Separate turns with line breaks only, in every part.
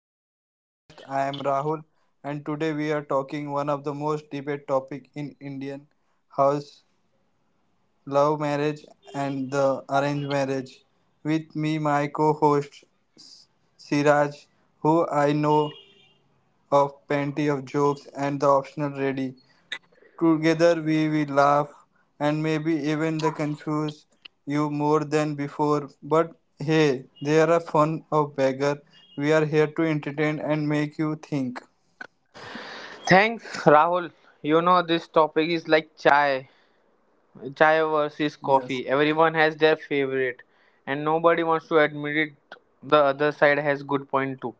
to our podcast. I am Rahul and today we are talking one of the most debated topic in Indian house, love marriage and the arranged marriage. With me my co-host Siraj who I know of plenty of jokes and the optional ready. Together we will laugh and maybe even the confuse you more than before. But hey, they are a fun of beggar. We are here to entertain and make you think.
Thanks, Rahul. You know, this topic is like chai. Chai versus coffee. Everyone has their favorite, and nobody wants to admit it. The other side has good point too.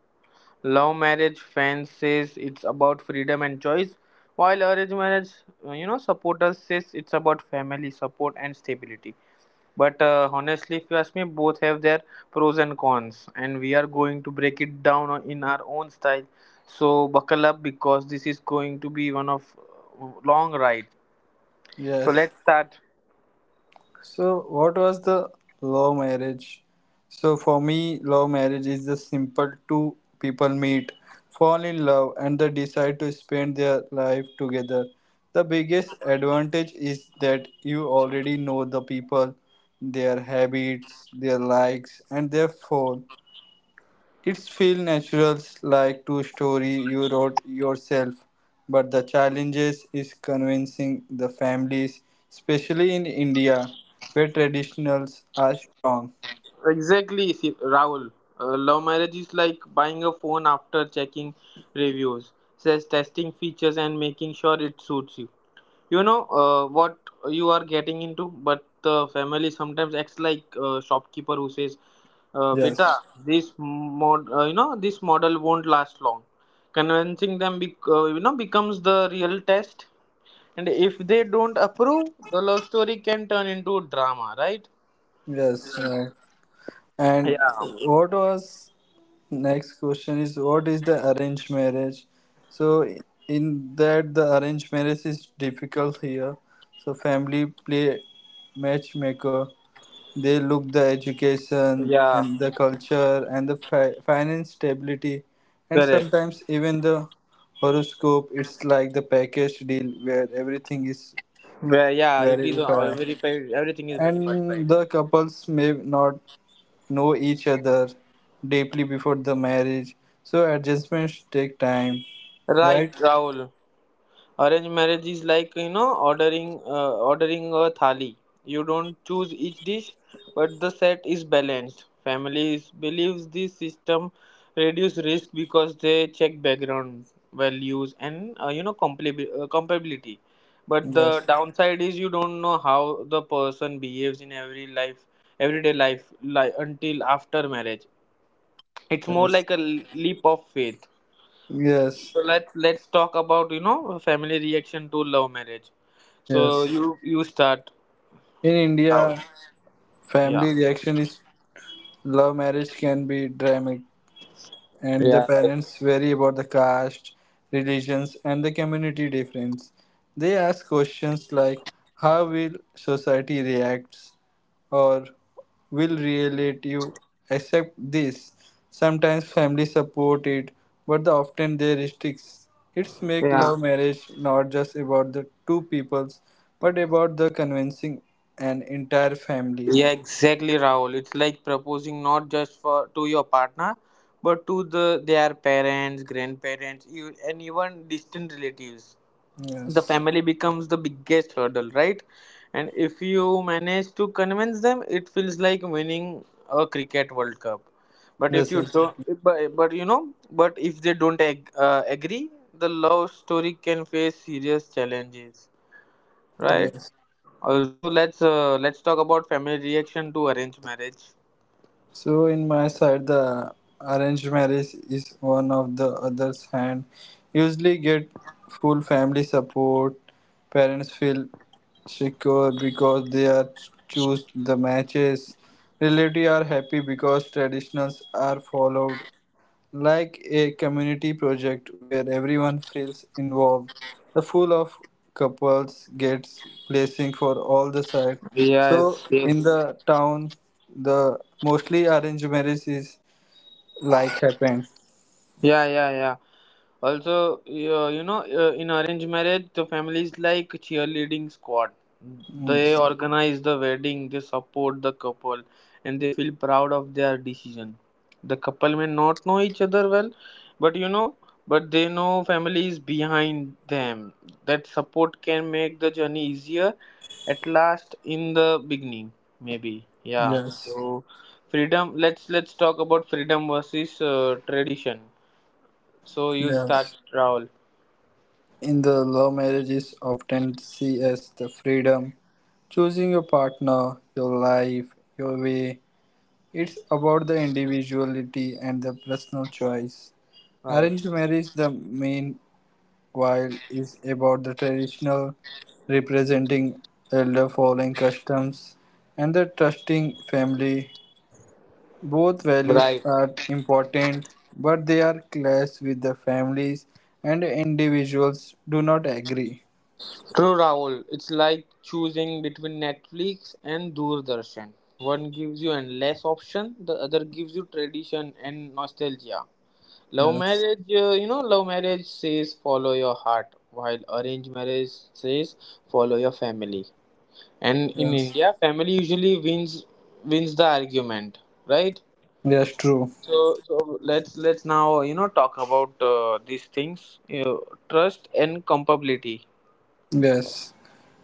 Love marriage fans says it's about freedom and choice, while arranged marriage, supporters says it's about family support and stability. But honestly, if you ask me, both have their pros and cons, and we are going to break it down in our own style. So buckle up because this is going to be one of long ride. So
Yes.
let's start.
So, what was the love marriage? So, for me, love marriage is the simple two people meet, fall in love, and they decide to spend their life together. The biggest advantage is that you already know the people, their habits, their likes, and their fall. It's feel natural like two story you wrote yourself, but the challenges is convincing the families, especially in India, where traditionals are strong.
Exactly, Rahul. Love marriage is like buying a phone after checking reviews, says testing features and making sure it suits you. You know what you are getting into, but the family sometimes acts like a shopkeeper who says, "Beta,
Yes.
this model won't last long." Convincing them, becomes the real test. And if they don't approve, the love story can turn into drama, right?
Yes, right. And
Yeah.
what was next question is what is the arranged marriage? So in that the arranged marriage is difficult here. So family play matchmaker. They look the education
Yeah.
and the culture and the finance stability and
Correct.
sometimes even the horoscope. It's like the package deal where everything is
Where yeah, it is
verified.
all very everything is very
And
perfect.
the couples may not know each other deeply before the marriage, so adjustments take time,
Right,
right?
Rahul. Arranged marriage is like ordering ordering a thali. You don't choose each dish, but the set is balanced. Families believes this system reduce risk because they check background values and compatibility. But the
Yes,
downside is you don't know how the person behaves in every life, everyday life, until after marriage it's more
yes,
like a leap of faith.
yes,
So let's talk about family reaction to love marriage. So
yes.
you start,
In
Rahul.
India,
yeah
family reaction is love marriage can be dramatic and the
yeah like-
parents worry about the caste, religions, and the community difference. They ask questions like how will society react or will relative accept this? Sometimes family support it, but the often they restricts. It's make
yeah
love marriage not just about the two peoples, but about the convincing an entire family.
yeah exactly Rahul, it's like proposing not just for to your partner but to the their parents, grandparents, you, and even distant relatives. The
Yes.
family becomes the biggest hurdle, right? And if you manage to convince them, it feels like winning a cricket world cup. But
Yes,
if you don't
exactly.
but you know but if they don't agree, the love story can face serious challenges, right?
Yes.
Also, let's talk about family reaction to arranged marriage.
So in my side, the arranged marriage is one of the other's hand. Usually get full family support. Parents feel secure because they are choose the matches. Relatives are happy because traditions are followed like a community project where everyone feels involved. The full of couples gets blessing for all the side. So
Yes, yes.
in the town, the mostly arranged marriage is like happen.
Yeah, yeah, yeah. Also, in arranged marriage, the family is like cheerleading squad.
Mm,
They organize the wedding, they support the couple, and they feel proud of their decision. The couple may not know each other well, but but they know family is behind them. That support can make the journey easier at last in the beginning, maybe. Yeah.
yes,
So, freedom. Let's talk about freedom versus tradition. So you start,
yes.
Rahul.
In the love marriages, often see as the freedom, choosing your partner, your life, your way. It's about the individuality and the personal choice.
Right.
Arranged marriage, the main while is about the traditional representing elder following customs and the trusting family, both values
Right.
are important, but they are clash with the families and individuals do not agree.
True, Rahul. It's like choosing between Netflix and Doordarshan. One gives you endless option, the other gives you tradition and nostalgia. Love
Yes,
marriage, uh, you know, love marriage says follow your heart, while arranged marriage says follow your family. And in
yes,
India, family usually wins wins the argument, right?
yes, true,
So let's now talk about these things. You know, trust and compatibility.
yes.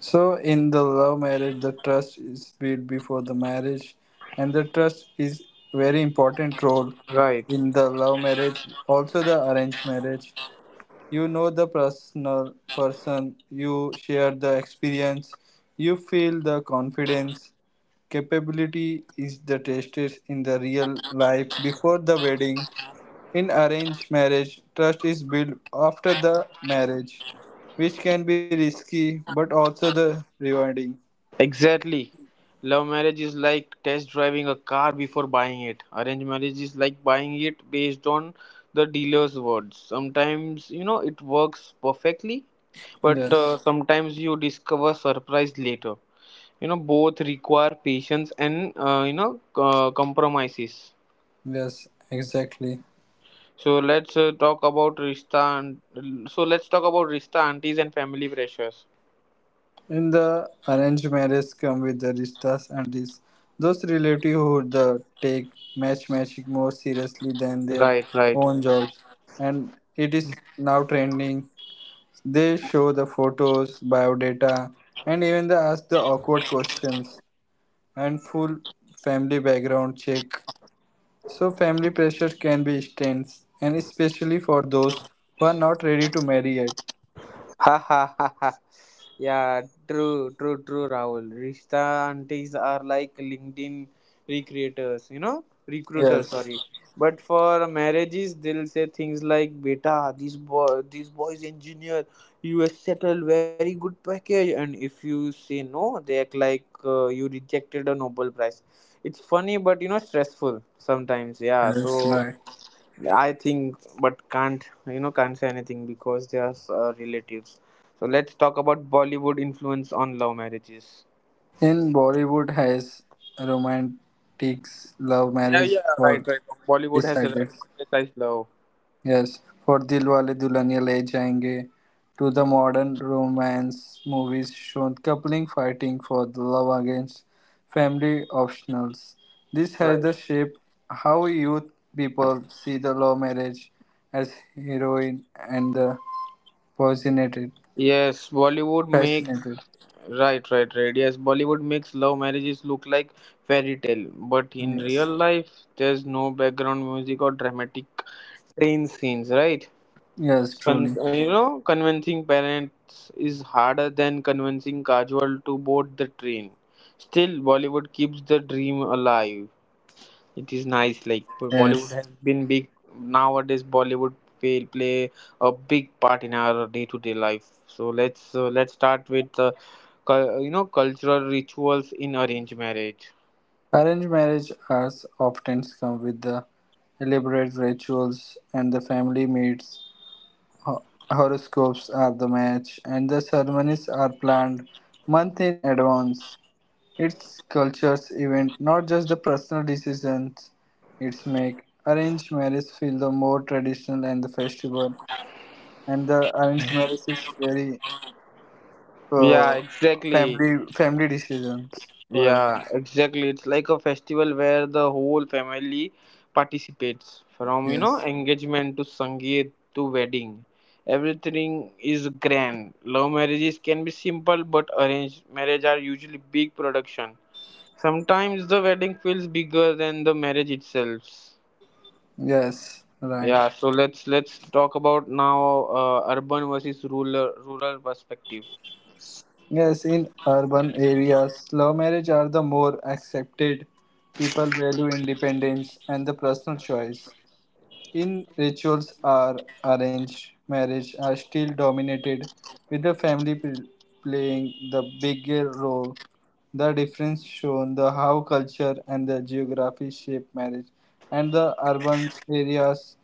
So in the love marriage, the trust is built before the marriage, and the trust is very important role
Right.
in the love marriage, also the arranged marriage. You know the personal person, you share the experience, you feel the confidence. Capability is the tested in the real life before the wedding. In arranged marriage, trust is built after the marriage, which can be risky but also the rewarding.
Exactly. Love marriage is like test driving a car before buying it. Arranged marriage is like buying it based on the dealer's words. Sometimes you know it works perfectly, but
Yes,
sometimes you discover surprise later. You know both require patience and compromises.
yes, exactly.
So let's talk about Rista and so let's talk about Rista aunties and family pressures.
In the arranged marriage come with the rishtas and this. Those relatives who the take matchmaking more seriously than their
Right, right.
own jobs. And it is now trending. They show the photos, biodata, and even they ask the awkward questions and full family background check. So family pressure can be intense and especially for those who are not ready to marry yet.
Ha ha ha ha. Yeah, true, true, true, Rahul. Rishta aunties are like LinkedIn recruiters,
Yes.
sorry. But for marriages, they'll say things like, Beta, this boy, this boy's engineer, you has settled very good package. And if you say no, they act like you rejected a Nobel Prize. It's funny, but you know, stressful sometimes. Yeah,
That's
so
right.
I think, but can't can't say anything because they are relatives. So let's talk about Bollywood influence on love marriages.
In Bollywood has romantics love
Yeah,
marriage
yeah, right,
for
right. Bollywood has a
decided.
romanticized love.
Yes. For Dilwale Dulhaniya Le Jayenge to the modern romance movies shown coupling fighting for the love against family optionals. This has
Right.
the shape how youth people see the love marriage as heroine and the fascinated
Yes, Bollywood makes
fascinated.
right, right, right. Yes, Bollywood makes love marriages look like fairy tale, but in real
Yes.
life, there's no background music or dramatic train scenes, right?
Yes, truly.
Convincing parents is harder than convincing casual to board the train. Still, Bollywood keeps the dream alive. It is nice. Like
Yes.
Bollywood has been big nowadays. Bollywood play a big part in our day-to-day life. So let's start with cultural rituals in arranged marriage.
Arranged marriage as often come with the elaborate rituals and the family meets, ho- horoscopes are the match, and the ceremonies are planned month in advance. It's culture's event, not just the personal decisions it's make. Arranged marriage feel the more traditional and the festival, and the arranged marriage is very
Yeah,
uh,
exactly.
family decisions for
Yeah,
everyone.
exactly. It's like a festival where the whole family participates from, you know,
Yes,
engagement to Sangeet to wedding. Everything is grand. Love marriages can be simple, but arranged marriage are usually big production. Sometimes the wedding feels bigger than the marriage itself.
yes, right.
Yeah, so let's talk about now urban versus rural perspective.
Yes, in urban areas, love marriage are the more accepted. People value independence and the personal choice. In rituals are arranged marriage are still dominated with the playing the bigger role. The difference shown the how culture and the geography shape marriage and the urban areas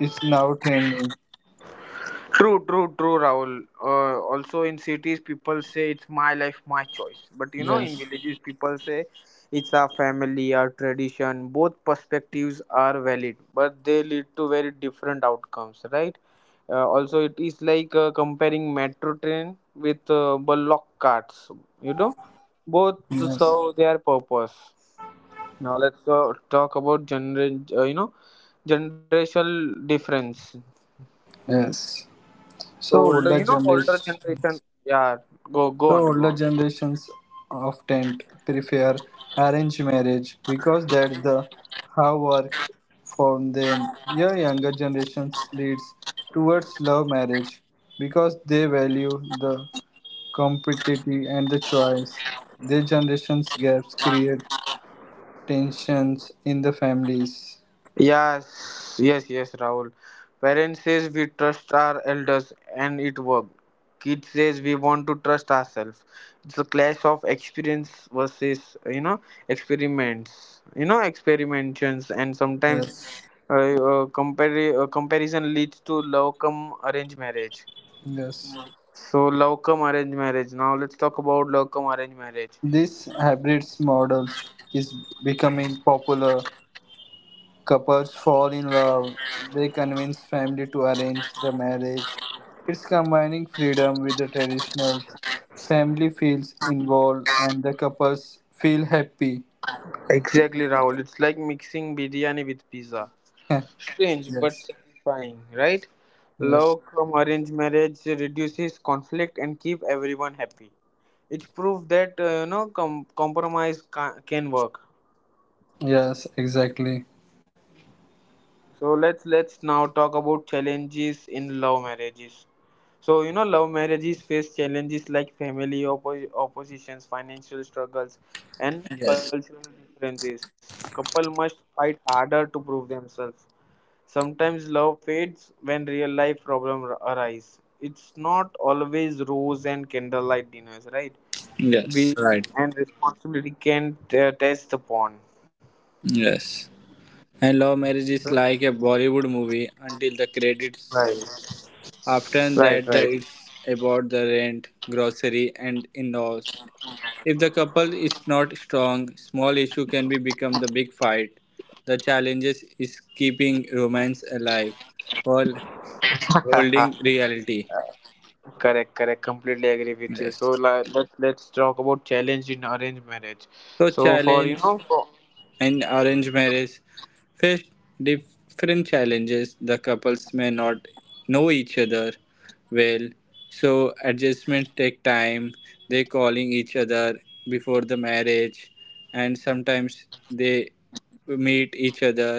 is now trending.
True, true, true, Rahul. Also, in cities, people say it's my life, my choice. But you know, in
Yes.
villages, people say it's our family, our tradition. Both perspectives are valid, but they lead to very different outcomes, right? Also, it is like comparing metro train with bullock carts. You know, both
Yes.
serve their purpose. Now let's talk about generational difference.
Yes.
So
So older
older
generation.
generation. Yeah, go
So
on, go
older
on.
generations often prefer arranged marriage because that's the how work for them. Your younger generations leads towards love marriage because they value the competitive and the choice. Their generations gaps create tensions in the families.
Yes, yes, yes, Rahul. Parents says we trust our elders, and it worked. Kids says we want to trust ourselves. It's a clash of experience versus experiments, you know experimentations, and sometimes
Yes.
comparison leads to love come arranged marriage.
Yes.
So love come arranged marriage. Now let's talk about love come arranged marriage.
This hybrid models is becoming popular. Couples fall in love, they convince family to arrange the marriage. It's combining freedom with the traditionals. Family feels involved and the couples feel happy.
Exactly, Rahul. It's like mixing biryani with pizza.
Heh,
Strange but
yes.
satisfying, right?
Yes.
Love from arranged marriage reduces conflict and keep everyone happy. It's proof that compromise can work.
Yes, exactly.
So let's now talk about challenges in love marriages. So you know love marriages face challenges like family oppositions, financial struggles, and
Yes.
cultural differences. Couple must fight harder to prove themselves. Sometimes love fades when real life problems arise. It's not always rose and candlelight dinners, right?
Yes.
Bills
Right.
and responsibility can test upon.
Yes. And love marriage is like a Bollywood movie until the credits
Right,
roll. After
right,
that,
right.
it's about the rent, grocery, and in-laws. If the couple is not strong, small issue can be become the big fight. The challenges is keeping romance alive while holding reality.
Correct, correct. Completely agree with you.
Yes.
So let's talk about challenge in arranged marriage.
So
So for you
challenge.
know for-
In arranged marriage, face different challenges. The couples may not know each other well, so adjustments take time. They calling each other before the marriage, and sometimes they meet each other,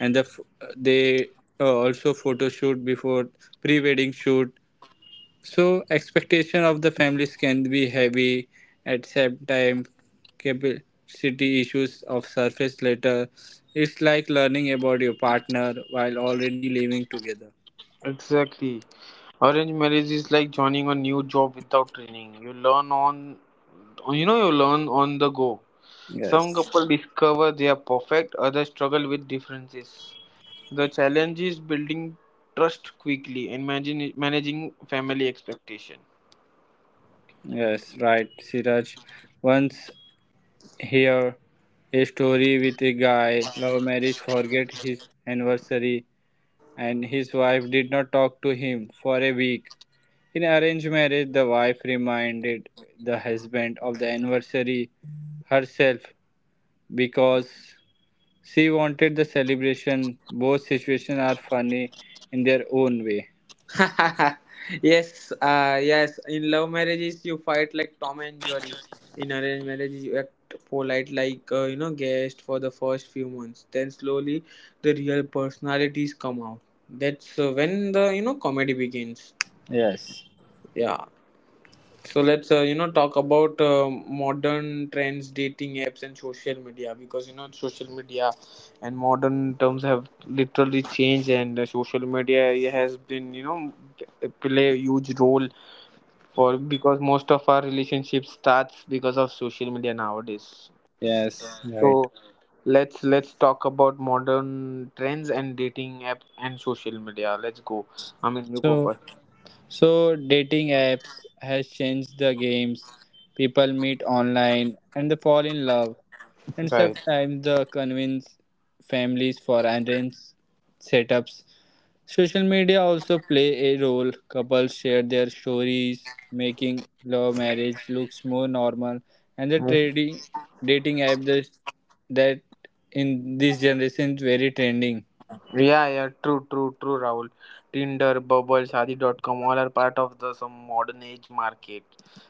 and they also photo shoot before pre-wedding shoot, so expectation of the families can be heavy at same time capacity issues of surface later. It's like learning about your partner while already living together.
exactly, arranged marriage is like joining a new job without training. You learn on the go. Some
Yes.
couples discover they are perfect, others struggle with differences. The challenge is building trust quickly and managing family expectation.
Yes, right, Siraj. Once hear a story with a guy, love marriage forget his anniversary and his wife did not talk to him for a week. In arranged marriage, the wife reminded the husband of the anniversary herself because she wanted the celebration. Both situations are funny in their own way.
Yes, yes. In love marriages, you fight like Tom and Jerry. In arranged marriages, you act polite like guest for the first few months. Then slowly, the real personalities come out. That's when the comedy begins.
Yes,
Yeah. So let's talk about modern trends, dating apps, and social media, because you know social media and modern terms have literally changed, and social media has been play a huge role for because most of our relationship starts because of social media nowadays.
yes, right.
So let's talk about modern trends and dating apps and social media. Let's go. I mean, you
So,
go first.
so dating apps has changed the games. People meet online and they fall in love, and
Right.
sometimes they convince families for arranged setups. Social media also play a role. Couples share their stories, making love marriage looks more normal. And the trading dating app that in this generation is very trending.
Yeah, yeah, true, true, true, Rahul. Tinder, Bubble, Shadi.com, all are part of the some modern age market.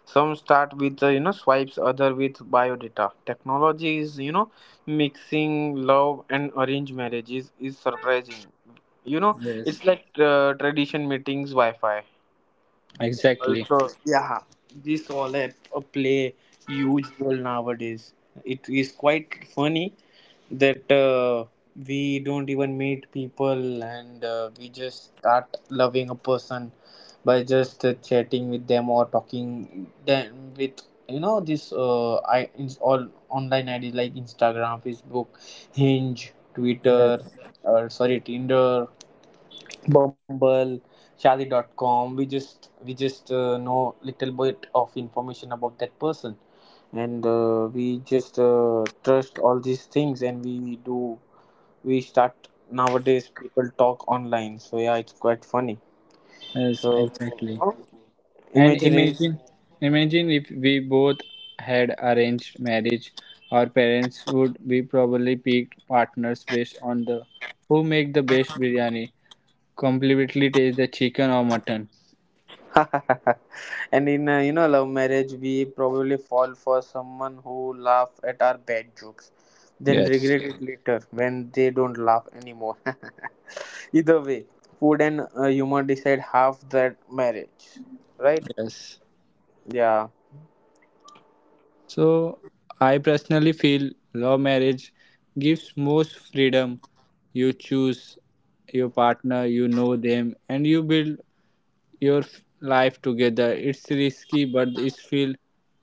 Some start with swipes, other with biodata. Technology is you know mixing love and arranged marriages is surprising. You know,
Yes,
it's like tradition meetings, Wi-Fi.
exactly.
Also, yeah, this all a play huge role nowadays. It is quite funny that we don't even meet people and we just start loving a person by just chatting with them or talking them with you know this I it's all online IDs like Instagram, Facebook, Hinge, Twitter,
Yes,
or sorry Tinder, Bumble, Shadi.com. We just know little bit of information about that person and we just trust all these things and we start nowadays people talk online, so yeah, it's quite funny.
yes,
So
exactly. And
imaginary.
imagine if we both had arranged marriage, our parents would be probably picked partners based on the who make the best biryani, completely taste the chicken or mutton.
And in love marriage we probably fall for someone who laugh at our bad jokes then
Yes,
regret it later when they don't laugh anymore. Either way, food and humor decide half that marriage, right?
yes.
Yeah.
So I personally feel love marriage gives most freedom. You choose your partner, you know them, and you build life together. It's risky, but it's feel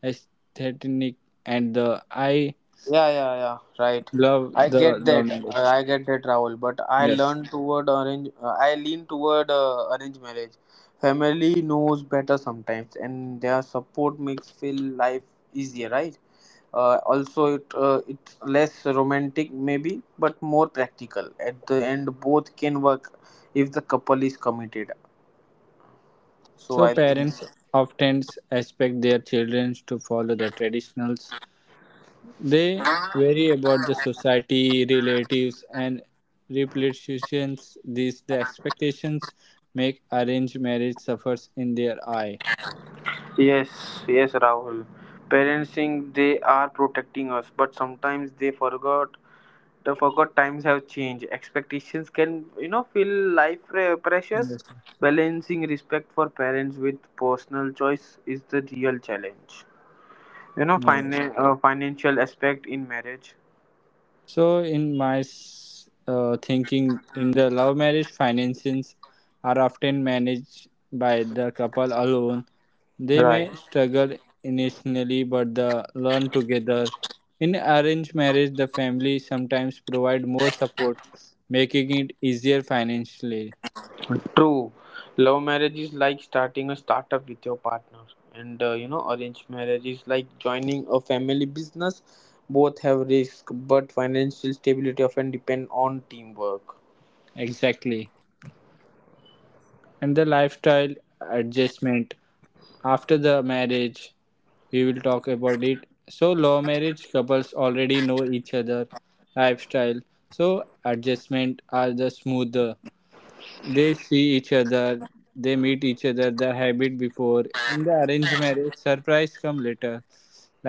aesthetic, and the I
Yeah, yeah, yeah. Right.
love
I
the
get
love
that.
marriage.
I get that, Rahul. But I
Yes.
learn toward arrange. I lean toward arranged marriage. Family knows better sometimes, and their support makes feel life easier, right? Also, it's less romantic maybe, but more practical. At the end, both can work if the couple is committed. So
So
I think.
parents often expect their children to follow the traditional. They worry about the society, relatives, and reputations. These the expectations make arranged marriage suffers in their eye.
Yes, yes, Rahul. Parents think they are protecting us, but sometimes they forgot. The forgot times have changed. Expectations can, you know, feel life precious.
Yes, sir.
Balancing respect for parents with personal choice is the real challenge. You know,
Yes.
financial aspect in marriage.
So, in thinking, in the love marriage, finances are often managed by the couple alone. They may
Right.
struggle initially, but they learn together. In arranged marriage, the family sometimes provide more support, making it easier financially.
True, love marriage is like starting a startup with your partner, and arranged marriage is like joining a family business. Both have risk, but financial stability often depend on teamwork.
Exactly. And the lifestyle adjustment. After the marriage we will talk about it. So law marriage couples already know each other lifestyle, so adjustment are the smoother. They see each other, they meet each other the habit before. In the arranged marriage surprise come later,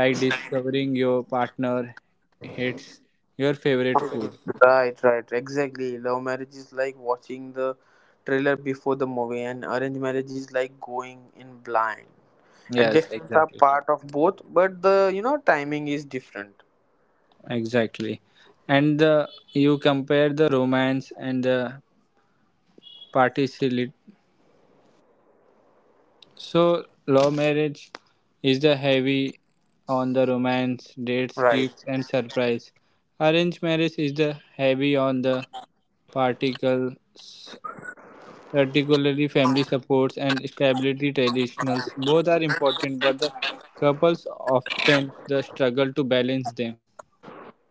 like discovering your partner hates your favorite food.
Right, right, exactly. Love marriage is like watching the trailer before the movie, and arranged marriage is like going in blind.
Yes,
Adjustments are
exactly.
part of both, but the timing is different.
Exactly. And the you compare the romance and the participatory. So, love marriage is the heavy on the romance, dates,
Right.
gifts, and surprise. Arranged marriage is the heavy on the particles, particularly family supports and stability traditionals. Both are important, but the couples often the struggle to balance them.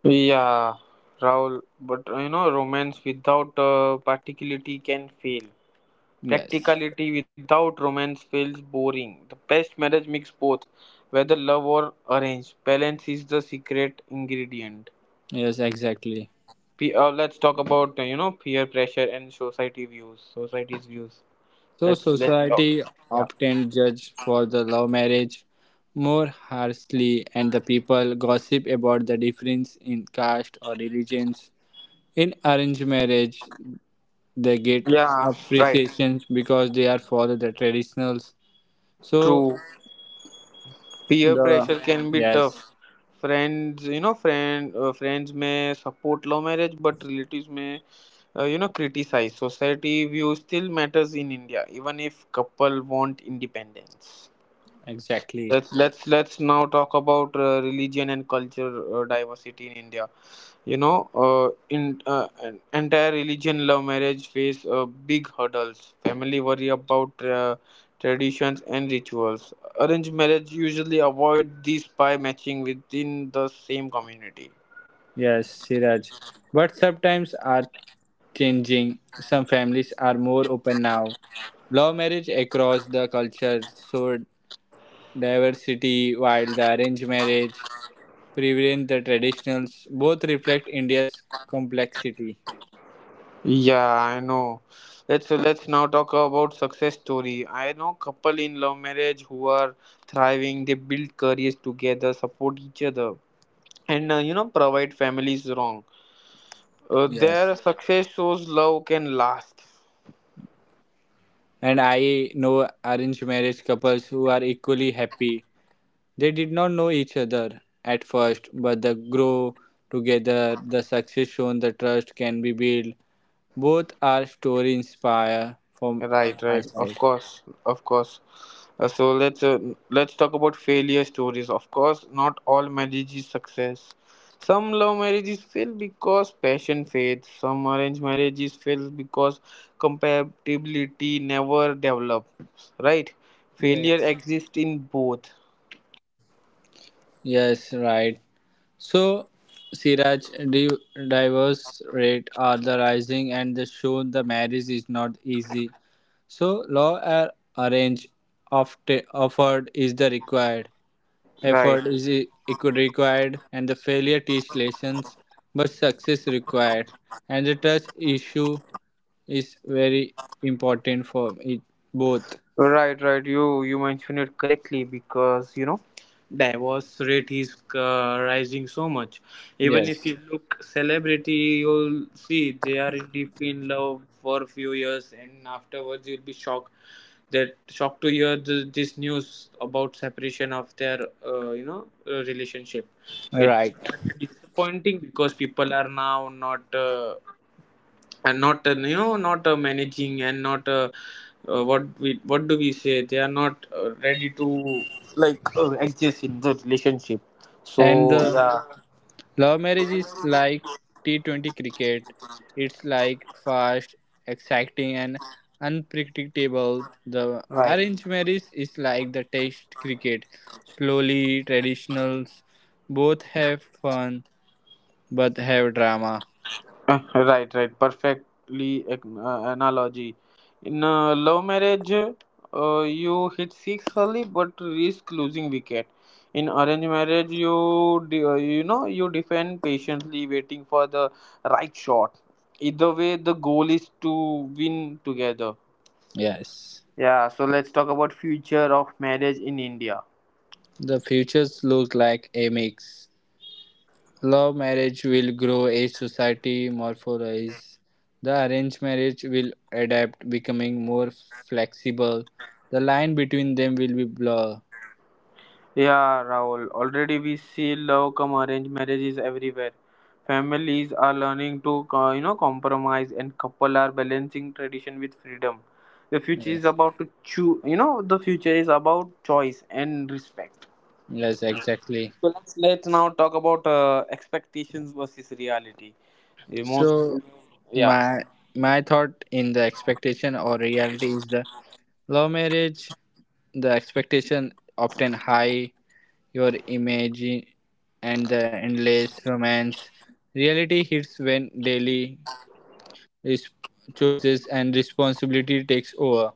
Yeah, Rahul, but you know, romance without practicality can fail.
Yes.
Practicality without romance feels boring. The best marriage mix both, whether love or arranged. Balance is the secret ingredient.
Yes, exactly.
Let's talk about peer pressure and society views. Society's views.
So
Let's talk.
society
Yeah.
often judge for the love marriage more harshly and the people gossip about the difference in caste or religions. In arranged marriage they get
Yeah. Right.
appreciations because they are follow the traditionals. So
True. Peer
the
pressure can be tough.
yes,
Friends you know friend friends may support love marriage, but relatives may criticize. Society view still matters in india, even if couple want independence.
exactly.
Let's now talk about religion and culture, diversity in india. Entire religion, love marriage face big hurdles. Family worry about traditions and rituals. Arranged marriage usually avoid these by matching within the same community.
Yes, Siraj. But sometimes are changing. Some families are more open now. Love marriage across the culture, so diversity, while the arranged marriage prevent the traditionals, both reflect India's complexity.
Yeah, I know. Let's now talk about success story. I know couple in love marriage who are thriving. They build careers together, support each other, and provide families wrong.
Yes.
Their success shows love can last.
And I know arranged marriage couples who are equally happy. They did not know each other at first, but they grow together, the success shown, the trust can be built. Both are story inspire from
Right,
my
right. Of
side.
course, of course. So let's talk about failure stories. Of course, not all marriage is success. Some love marriages fail because passion fades. Some arranged marriages fail because compatibility never develops. Right? Failure
Yes.
exists in both.
Yes, right. So, Siraj, divorce rate are the rising and they show the marriage is not easy. So, law or arrange offered is the required.
Right.
Effort is required and the failure teach lessons, but success required. And the trust issue is very important for it both.
Right, right. You mentioned it correctly, because you know divorce rate is rising so much. Even if
Yes,
you look celebrity, you'll see they are deeply in love for a few years, and afterwards you'll be shocked that shocked to hear th this news about separation of their relationship. It's
right.
quite disappointing because people are now not not managing and not what do we say, they are not ready to like exist in the relationship, so
And the
yeah.
Love marriage is like T20 cricket. It's like fast, exciting, and unpredictable. The
Right.
arranged marriage is like the test cricket. Slowly, traditionals. Both have fun but have drama.
Right, right. Perfectly analogy. In love marriage, you hit six early but risk losing wicket. In arranged marriage, you de- you know you defend patiently, waiting for the right shot. Either way, the goal is to win together.
Yes.
Yeah. So let's talk about future of marriage in India.
The futures look like a mix. Love marriage will grow as society morphizes. The arranged marriage will adapt, becoming more flexible. The line between them will be blur.
Yeah, Rahul. Already we see love come arranged marriages everywhere. Families are learning to compromise, and couple are balancing tradition with freedom. The future is
Yes.
about to choose. You know, the future is about choice and respect.
Yes, exactly.
So let's now talk about expectations versus reality. The most,
So
yeah.
my my thought in the expectation or reality is the love marriage, the expectation often high, your image and the endless romance. Reality hits when daily res- chooses and responsibility takes over.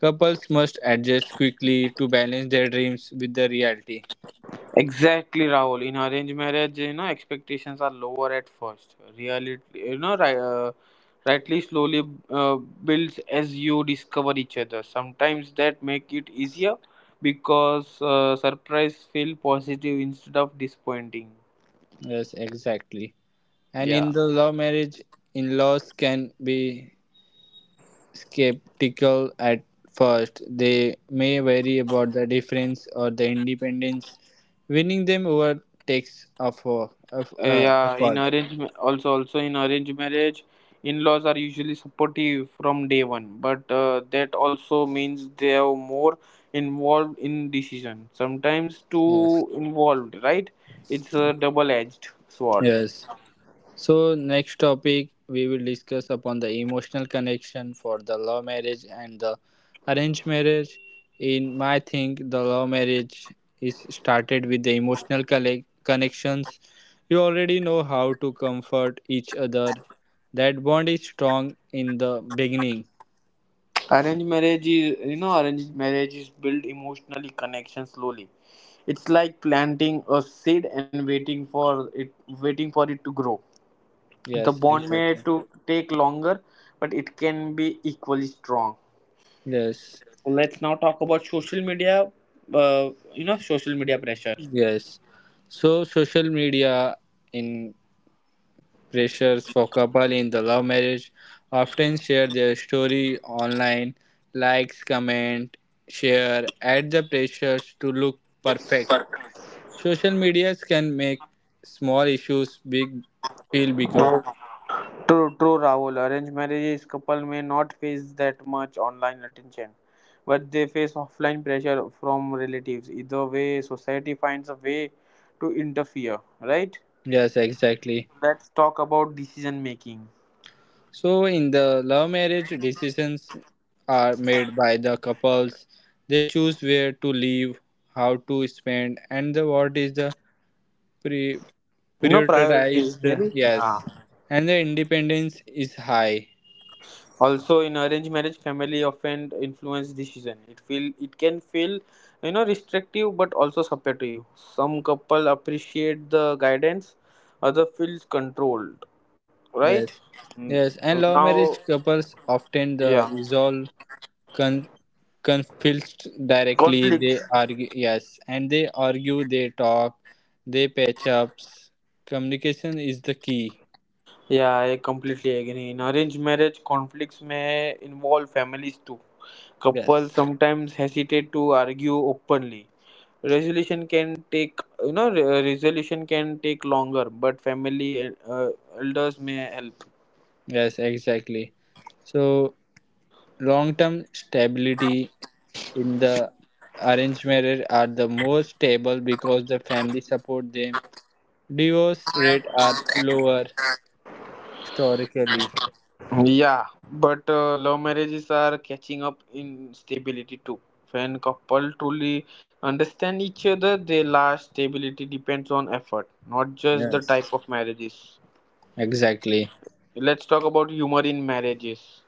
Couples must adjust quickly to balance their dreams with the reality.
Exactly, Rahul. In arranged marriage, you know, expectations are lower at first. Reality, you know, rightly slowly builds as you discover each other. Sometimes that make it easier because surprise feel positive instead of disappointing.
Yes, exactly. And
Yeah.
in the love marriage, in laws can be skeptical at first. They may worry about the difference or the independence. Winning them over takes effort.
Yeah, in
Effort.
arrange ma- also also in arranged marriage, in-laws are usually supportive from day one, but that also means they are more involved in decision. Sometimes
Yes.
too involved, right? It's a double-edged sword.
Yes. So next topic we will discuss upon the emotional connection for the love marriage and the arranged marriage. In my think, the love marriage is started with the emotional connections. You already know how to comfort each other. That bond is strong in the beginning.
Arranged marriage is built emotionally connection slowly. It's like planting a seed and waiting for it to grow. The
Yes,
bond may
exactly.
to take longer, but it can be equally strong.
Yes,
Let's now talk about social media. You know, social media pressure.
yes. So social media in pressures for couple in the love marriage often share their story online, likes, comment, share, add the pressures to look perfect. Social medias can make small issues big, feel bigger.
True, true, Rahul. Arranged marriages couple may not face that much online attention, but they face offline pressure from relatives. Either way, society finds a way to interfere, right?
Yes, exactly.
Let's talk about decision making.
So in the love marriage decisions are made by the couples. They choose where to live, how to spend, and the what is the pre-
You know, priorities,
prioritized.
maybe? Yeah.
Yes, and the independence is high.
also in arranged marriage family often influence decision it can feel restrictive but also supportive. Some couple appreciate the guidance, other feels controlled,
Yes,
right? Mm,
yes, and love marriage
now.
couples often the
Yeah.
resolve con- conflicts directly. They
Conflict.
argue. Yes, and they argue, they talk, they patch ups. Communication is the key.
Yeah, I completely agree. In arranged marriage conflicts may involve families too.
Yes,
Couples sometimes hesitate to argue openly. Resolution can take resolution can take longer, but family and elders may help.
yes, exactly. So long term stability in the arranged marriage are the most stable because the family support them. Divorce rate are lower historically.
Yeah, but love marriages are catching up in stability too. When couple truly understand each other, they last. Stability depends on effort, not just the
Yes.
type of marriages.
Exactly.
Let's talk about humor in marriages.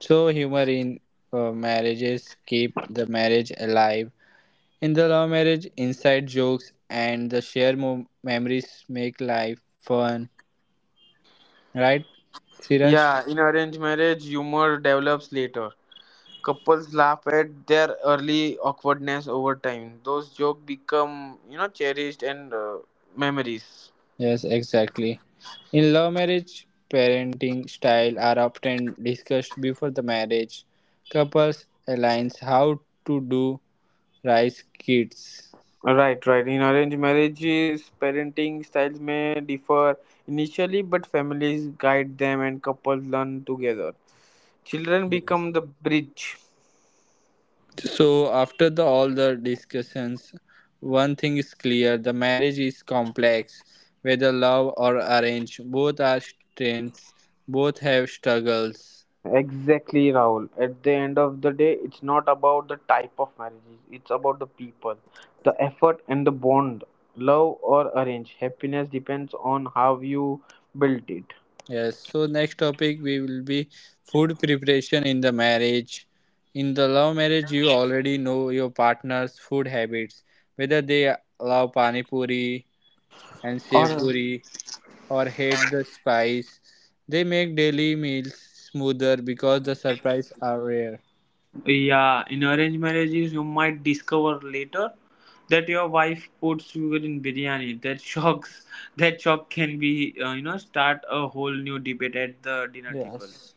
So humor in marriages keep the marriage alive. In the love marriage, inside jokes and the shared memories make life fun. Right, Siraj?
Yeah, in arranged marriage, humor develops later. Couples laugh at their early awkwardness over time. Those jokes become, you know, cherished and memories.
Yes, exactly. In love marriage, parenting style are often discussed before the marriage. Couples aligns how to do raise kids.
Right, right. In arranged marriages, parenting styles may differ initially, but families guide them and couples learn together. Children become the bridge.
So after the all the discussions, one thing is clear: the marriage is complex, whether love or arrange. Both are strengths. Both have struggles.
Exactly, Rahul. At the end of the day, it's not about the type of marriages, it's about the people, the effort, and the bond. Love or arrange, happiness depends on how you built it.
Yes. So next topic we will be food preparation in the marriage. In the love marriage, you already know your partner's food habits, whether they love pani puri and
Or
sev puri or hate the spice. They make daily meals smoother because the surprises are rare.
yeah, in arranged marriages you might discover later that your wife puts sugar in biryani. That shocks. That shock can be start a whole new debate at the dinner table.
Yes.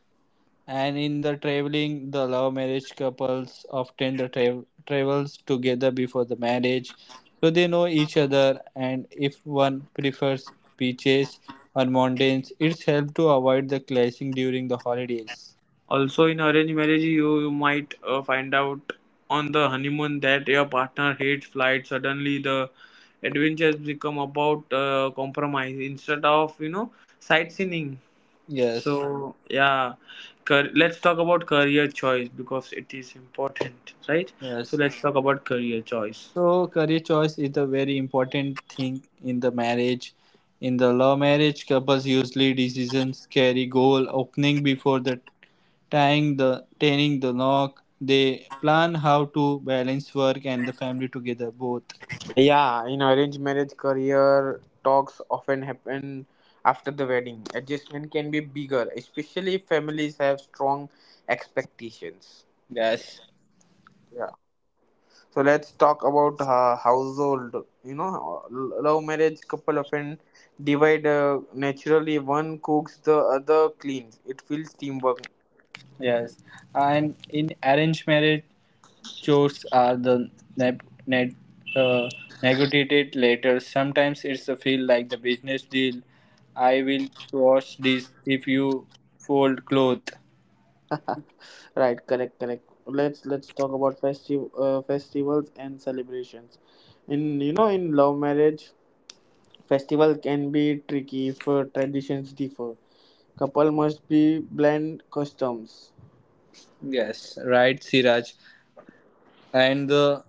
And in the traveling, the love marriage couples often the travels together before the marriage, so they know each other. And if one prefers beaches or mountains, it's helped to avoid the clashing during the holidays.
Also, in arranged marriage, you might find out on the honeymoon that your partner hates flight. Suddenly, the adventures become about compromise instead of sightseeing.
Yes.
So yeah, let's talk about career choice because it is important, right? So
Yes.
let's talk about career choice.
So career choice is a very important thing in the marriage. In the love marriage, couples usually decisions carry goal opening before the tying the knock. They plan how to balance work and the family together both.
Yeah, in arranged marriage, career talks often happen after the wedding. Adjustment can be bigger, especially if families have strong expectations.
Yes,
Yeah. So let's talk about household. You know, love marriage couple often divide naturally. One cooks, the other cleans. It feels teamwork.
yes. And in arranged marriage, chores are the neg- neg- uh, negotiated later. Sometimes it's a feel like the business deal. I will wash this if you fold cloth.
Right. Correct. Correct. Let's talk about festive festivals and celebrations. In you know, in love marriage festival can be tricky if traditions differ. Couple must be blend customs.
Yes, right, Siraj. And the,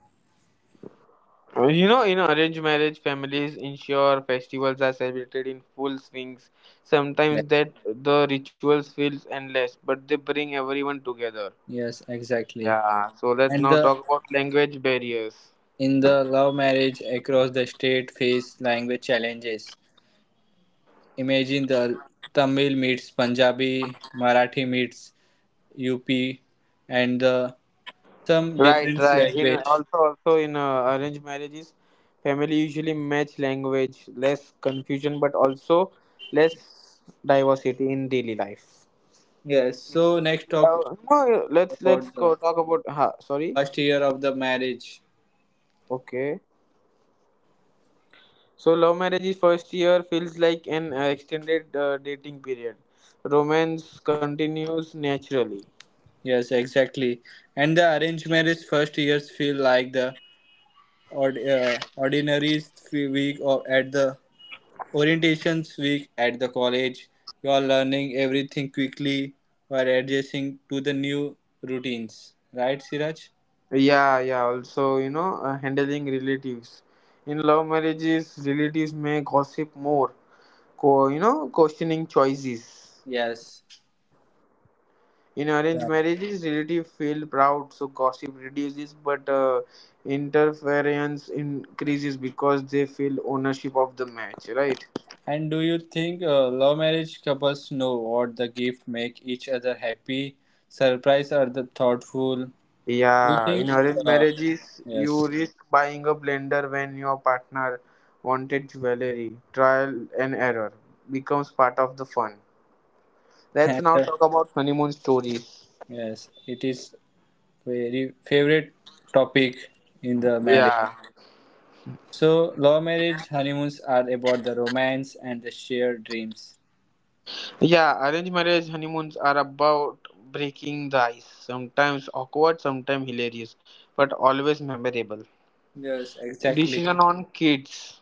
You know, in arranged marriage, families ensure festivals are celebrated in full swings. Sometimes that the rituals feels endless, but they bring everyone together.
yes, exactly.
Yeah. So let's
And
now
the
talk about language barriers.
in the love marriage across the state face language challenges. Imagine the Tamil meets Punjabi, Marathi meets UP, and the some
Right,
different
right. In
language.
also, also in arranged marriages, family usually match language, less confusion, but also less diversity in daily life.
Yes. So next talk is
No, let's
about the
go talk about. Ha, sorry.
first year of the marriage.
Okay. So love marriage's first year feels like an extended dating period. Romance continues naturally.
Yes, exactly. And the arranged marriage first years feel like the ordinary week or at the orientations week at the college. You are learning everything quickly while adjusting to the new routines. Right, Siraj?
Yeah, yeah. Also, you know, handling relatives. In love marriages, relatives may gossip more, questioning choices.
Yes.
In arranged
Right.
marriages relatives feel proud, so gossip reduces, but interference increases because they feel ownership of the match, right?
And do you think love marriage couples know what the gift make each other happy, surprise, or the thoughtful? We
Yeah,
think,
in arranged
uh,
marriages you
yes,
risk buying a blender when your partner wanted jewelry. Trial and error becomes part of the fun. Let's
and,
now talk about honeymoon stories.
yes, it is very favorite topic in the marriage.
Yeah.
So, love marriage honeymoons are about the romance and the shared dreams.
Yeah, arranged marriage honeymoons are about breaking the ice. Sometimes awkward, sometimes hilarious, but always memorable.
Yes, exactly.
Decision on kids.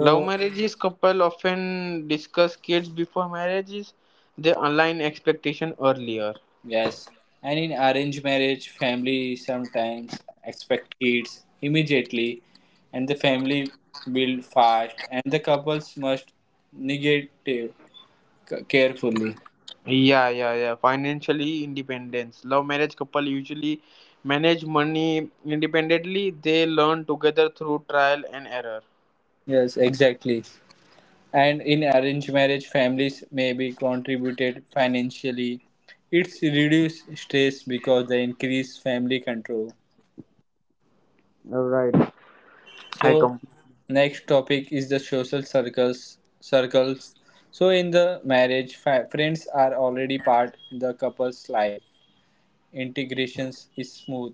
Love marriages couple often discuss kids before marriages. They align expectation earlier.
yes, and in arranged marriage, family sometimes expect kids immediately, and the family build fast, and the couples must negate carefully.
Yeah, yeah, yeah. Financially independence. Love marriage couple usually manage money independently. They learn together through trial and error.
Yes, exactly. And in arranged marriage, families may be contributed financially. It's reduce stress because they increase family control.
All right.
So
I come.
next topic is the social circles. So in the marriage friends are already part the couple's life. Integrations is smooth.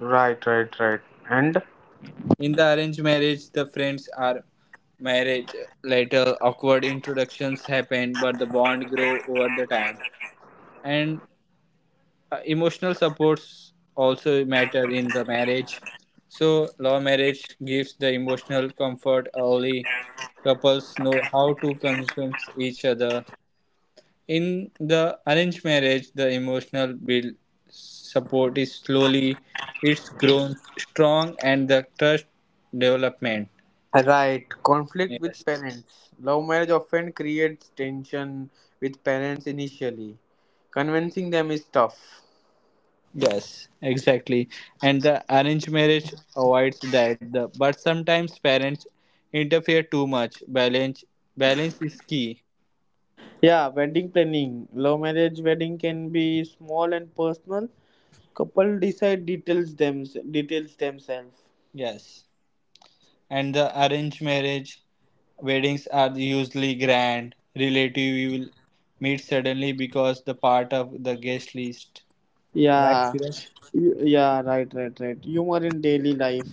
Right, right, right. And
In the arranged marriage, the friends are marriage later. Awkward introductions happen but the bond grow over the time. And emotional supports also matter in the marriage. So love marriage gives the emotional comfort early. Couples know how to consume each other. In the arranged marriage, the emotional build support is slowly. It's grown strong and the trust development.
right, conflict
Yes.
with parents. Love marriage often creates tension with parents initially. Convincing them is tough.
Yes, exactly. And the arranged marriage avoids that. The, but sometimes parents interfere too much. Balance is key.
Yeah, wedding planning. Love marriage wedding can be small and personal. Couple decide details themselves.
Yes. And the arranged marriage weddings are usually grand. Relative you will meet suddenly because the part of the guest list. Right,
Yeah,
Suraj?
yeah, right, right, right. Humor in daily life.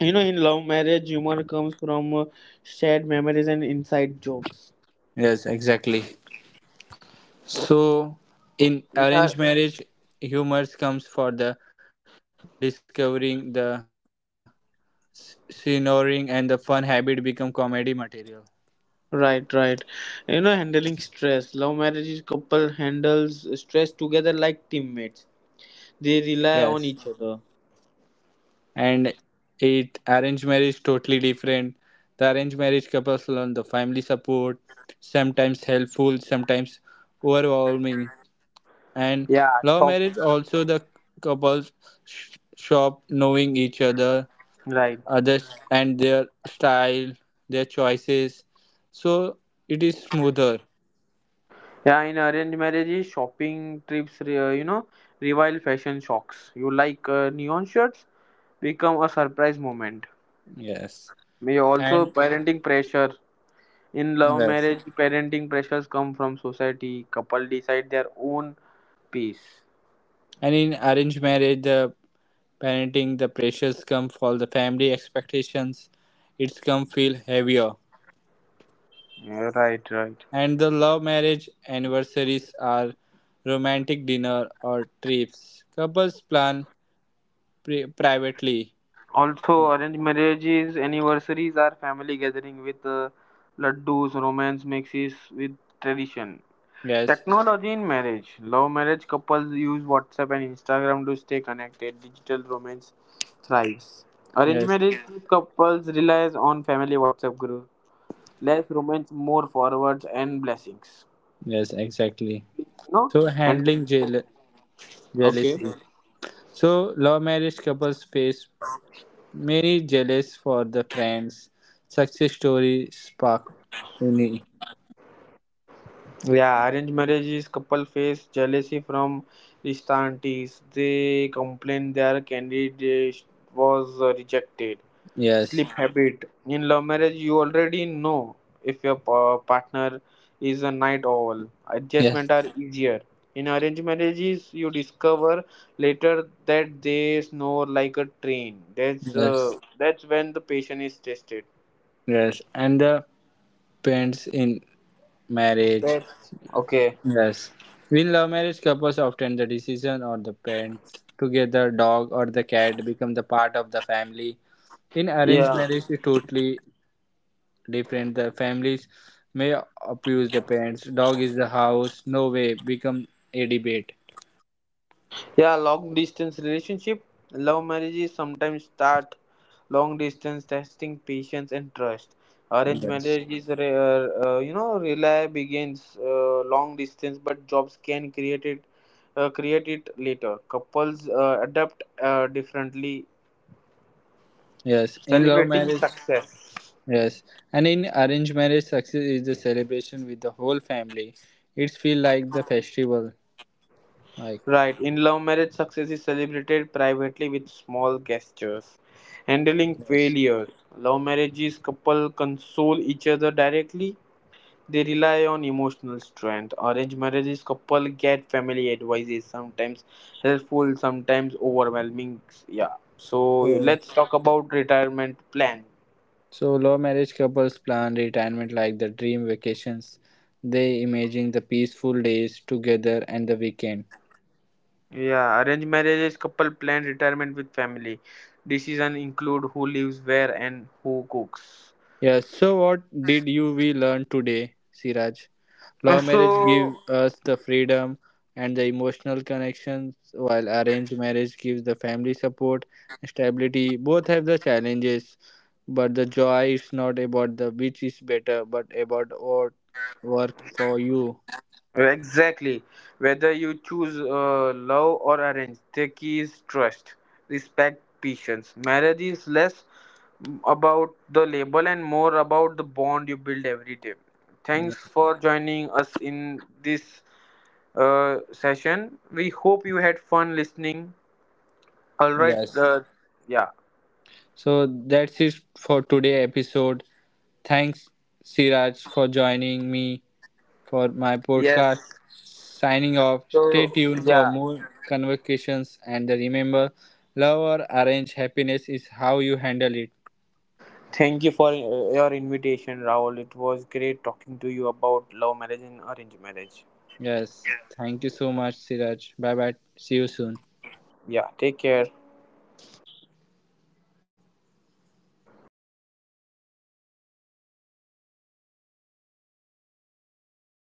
You know, in love marriage, humor comes from shared memories and inside jokes.
Yes, exactly. So in
Yeah.
arranged marriage humor comes for the discovering the snoring and the fun habit become comedy material.
Right, right. You know, handling stress. Love marriages couple handles stress together like teammates. They rely on
Yes.
each other.
And it arranged marriage totally different. The arranged marriage couples learn the family support, sometimes helpful, sometimes overwhelming. And
Yeah,
love marriage
shopping.
also the couples shop knowing each other,
Right.
others and their style, their choices. So it is smoother.
Yeah, in arranged marriages, shopping trips, revive fashion shocks. You like neon shirts become a surprise moment.
Yes.
May also
And
parenting pressure. In love
yes.
marriage, parenting pressures come from society. Couple decide their own peace.
And in arranged marriage, the parenting, the pressures come from the family expectations, it's come feel heavier.
Yeah, right, right.
And the love marriage anniversaries are romantic dinner or trips. Couples plan privately.
Also, arranged marriages, anniversaries are family gathering with laddus, romance mixes with tradition.
Yes,
Technology in marriage. Love marriage couples use WhatsApp and Instagram to stay connected. Digital romance thrives. Arranged
yes,
marriage couples relies on family WhatsApp group. Less romance, more forwards and blessings.
yes, exactly.
You know?
So
And
handling
okay.
jealousy. So love marriage couples face many jealous for the friends. Success story spark any.
Yeah, arranged marriages couple face jealousy from Rishta aunties. They complain their candidate was rejected.
Yes,
Sleep habit. In love marriage, you already know if your partner is a night owl.
yes,
Adjustment are easier. In arranged marriages, you discover later that they snore like a train.
yes,
That's when the patient is tested.
yes. And the parents in marriage.
That's okay.
Yes. In love marriage, couples often the decision or the parents together, dog or the cat become the part of the family. In arranged
Yeah.
marriage, it's totally different. The families may abuse the parents. Dog is the house. No way become a debate.
Yeah, long distance relationship. Love marriages sometimes start long distance, testing patience and trust. Arranged
Yes.
marriages, rely begins long distance, but jobs can create it later. Couples adapt differently,
Yes. In love
celebrating
marriage,
success.
yes. And in arranged marriage, success is the celebration with the whole family. It's feel like the festival. Like
Right, in love marriage, success is celebrated privately with small gestures. Handling
yes.
failures. Love marriages couple console each other directly. They rely on emotional strength. Arranged marriages couple get family advices, sometimes helpful, sometimes overwhelming. Yeah. So
So,
let's talk about retirement plan.
so low marriage couples plan retirement like the dream vacations. They imagine the peaceful days together and the weekend.
Yeah, arranged marriages couple plan retirement with family. Decision include who lives where and who cooks.
Yeah, so what did you we learn today, Siraj? Law marriage
So
give us the freedom and the emotional connections while arranged marriage gives the family support and stability. Both have the challenges, but the joy is not about the which is better but about what work for you.
exactly. Whether you choose love or arrange, the key is trust, respect, patience. Marriage is less about the label and more about the bond you build every day. Thanks
Yeah.
for joining us in this session. We hope you had fun listening. All right.
Yes.
Yeah.
So that's it for today episode. Thanks Siraj for joining me for my
Yes.
podcast. Signing off. Stay
So,
tuned for
yeah.
more convocations and remember love or arrange happiness is how you handle it.
Thank you for your invitation, Rahul. It was great talking to you about love marriage and arranged marriage.
Yes. Thank you so much Siraj. Bye bye. See you soon.
Yeah, take care.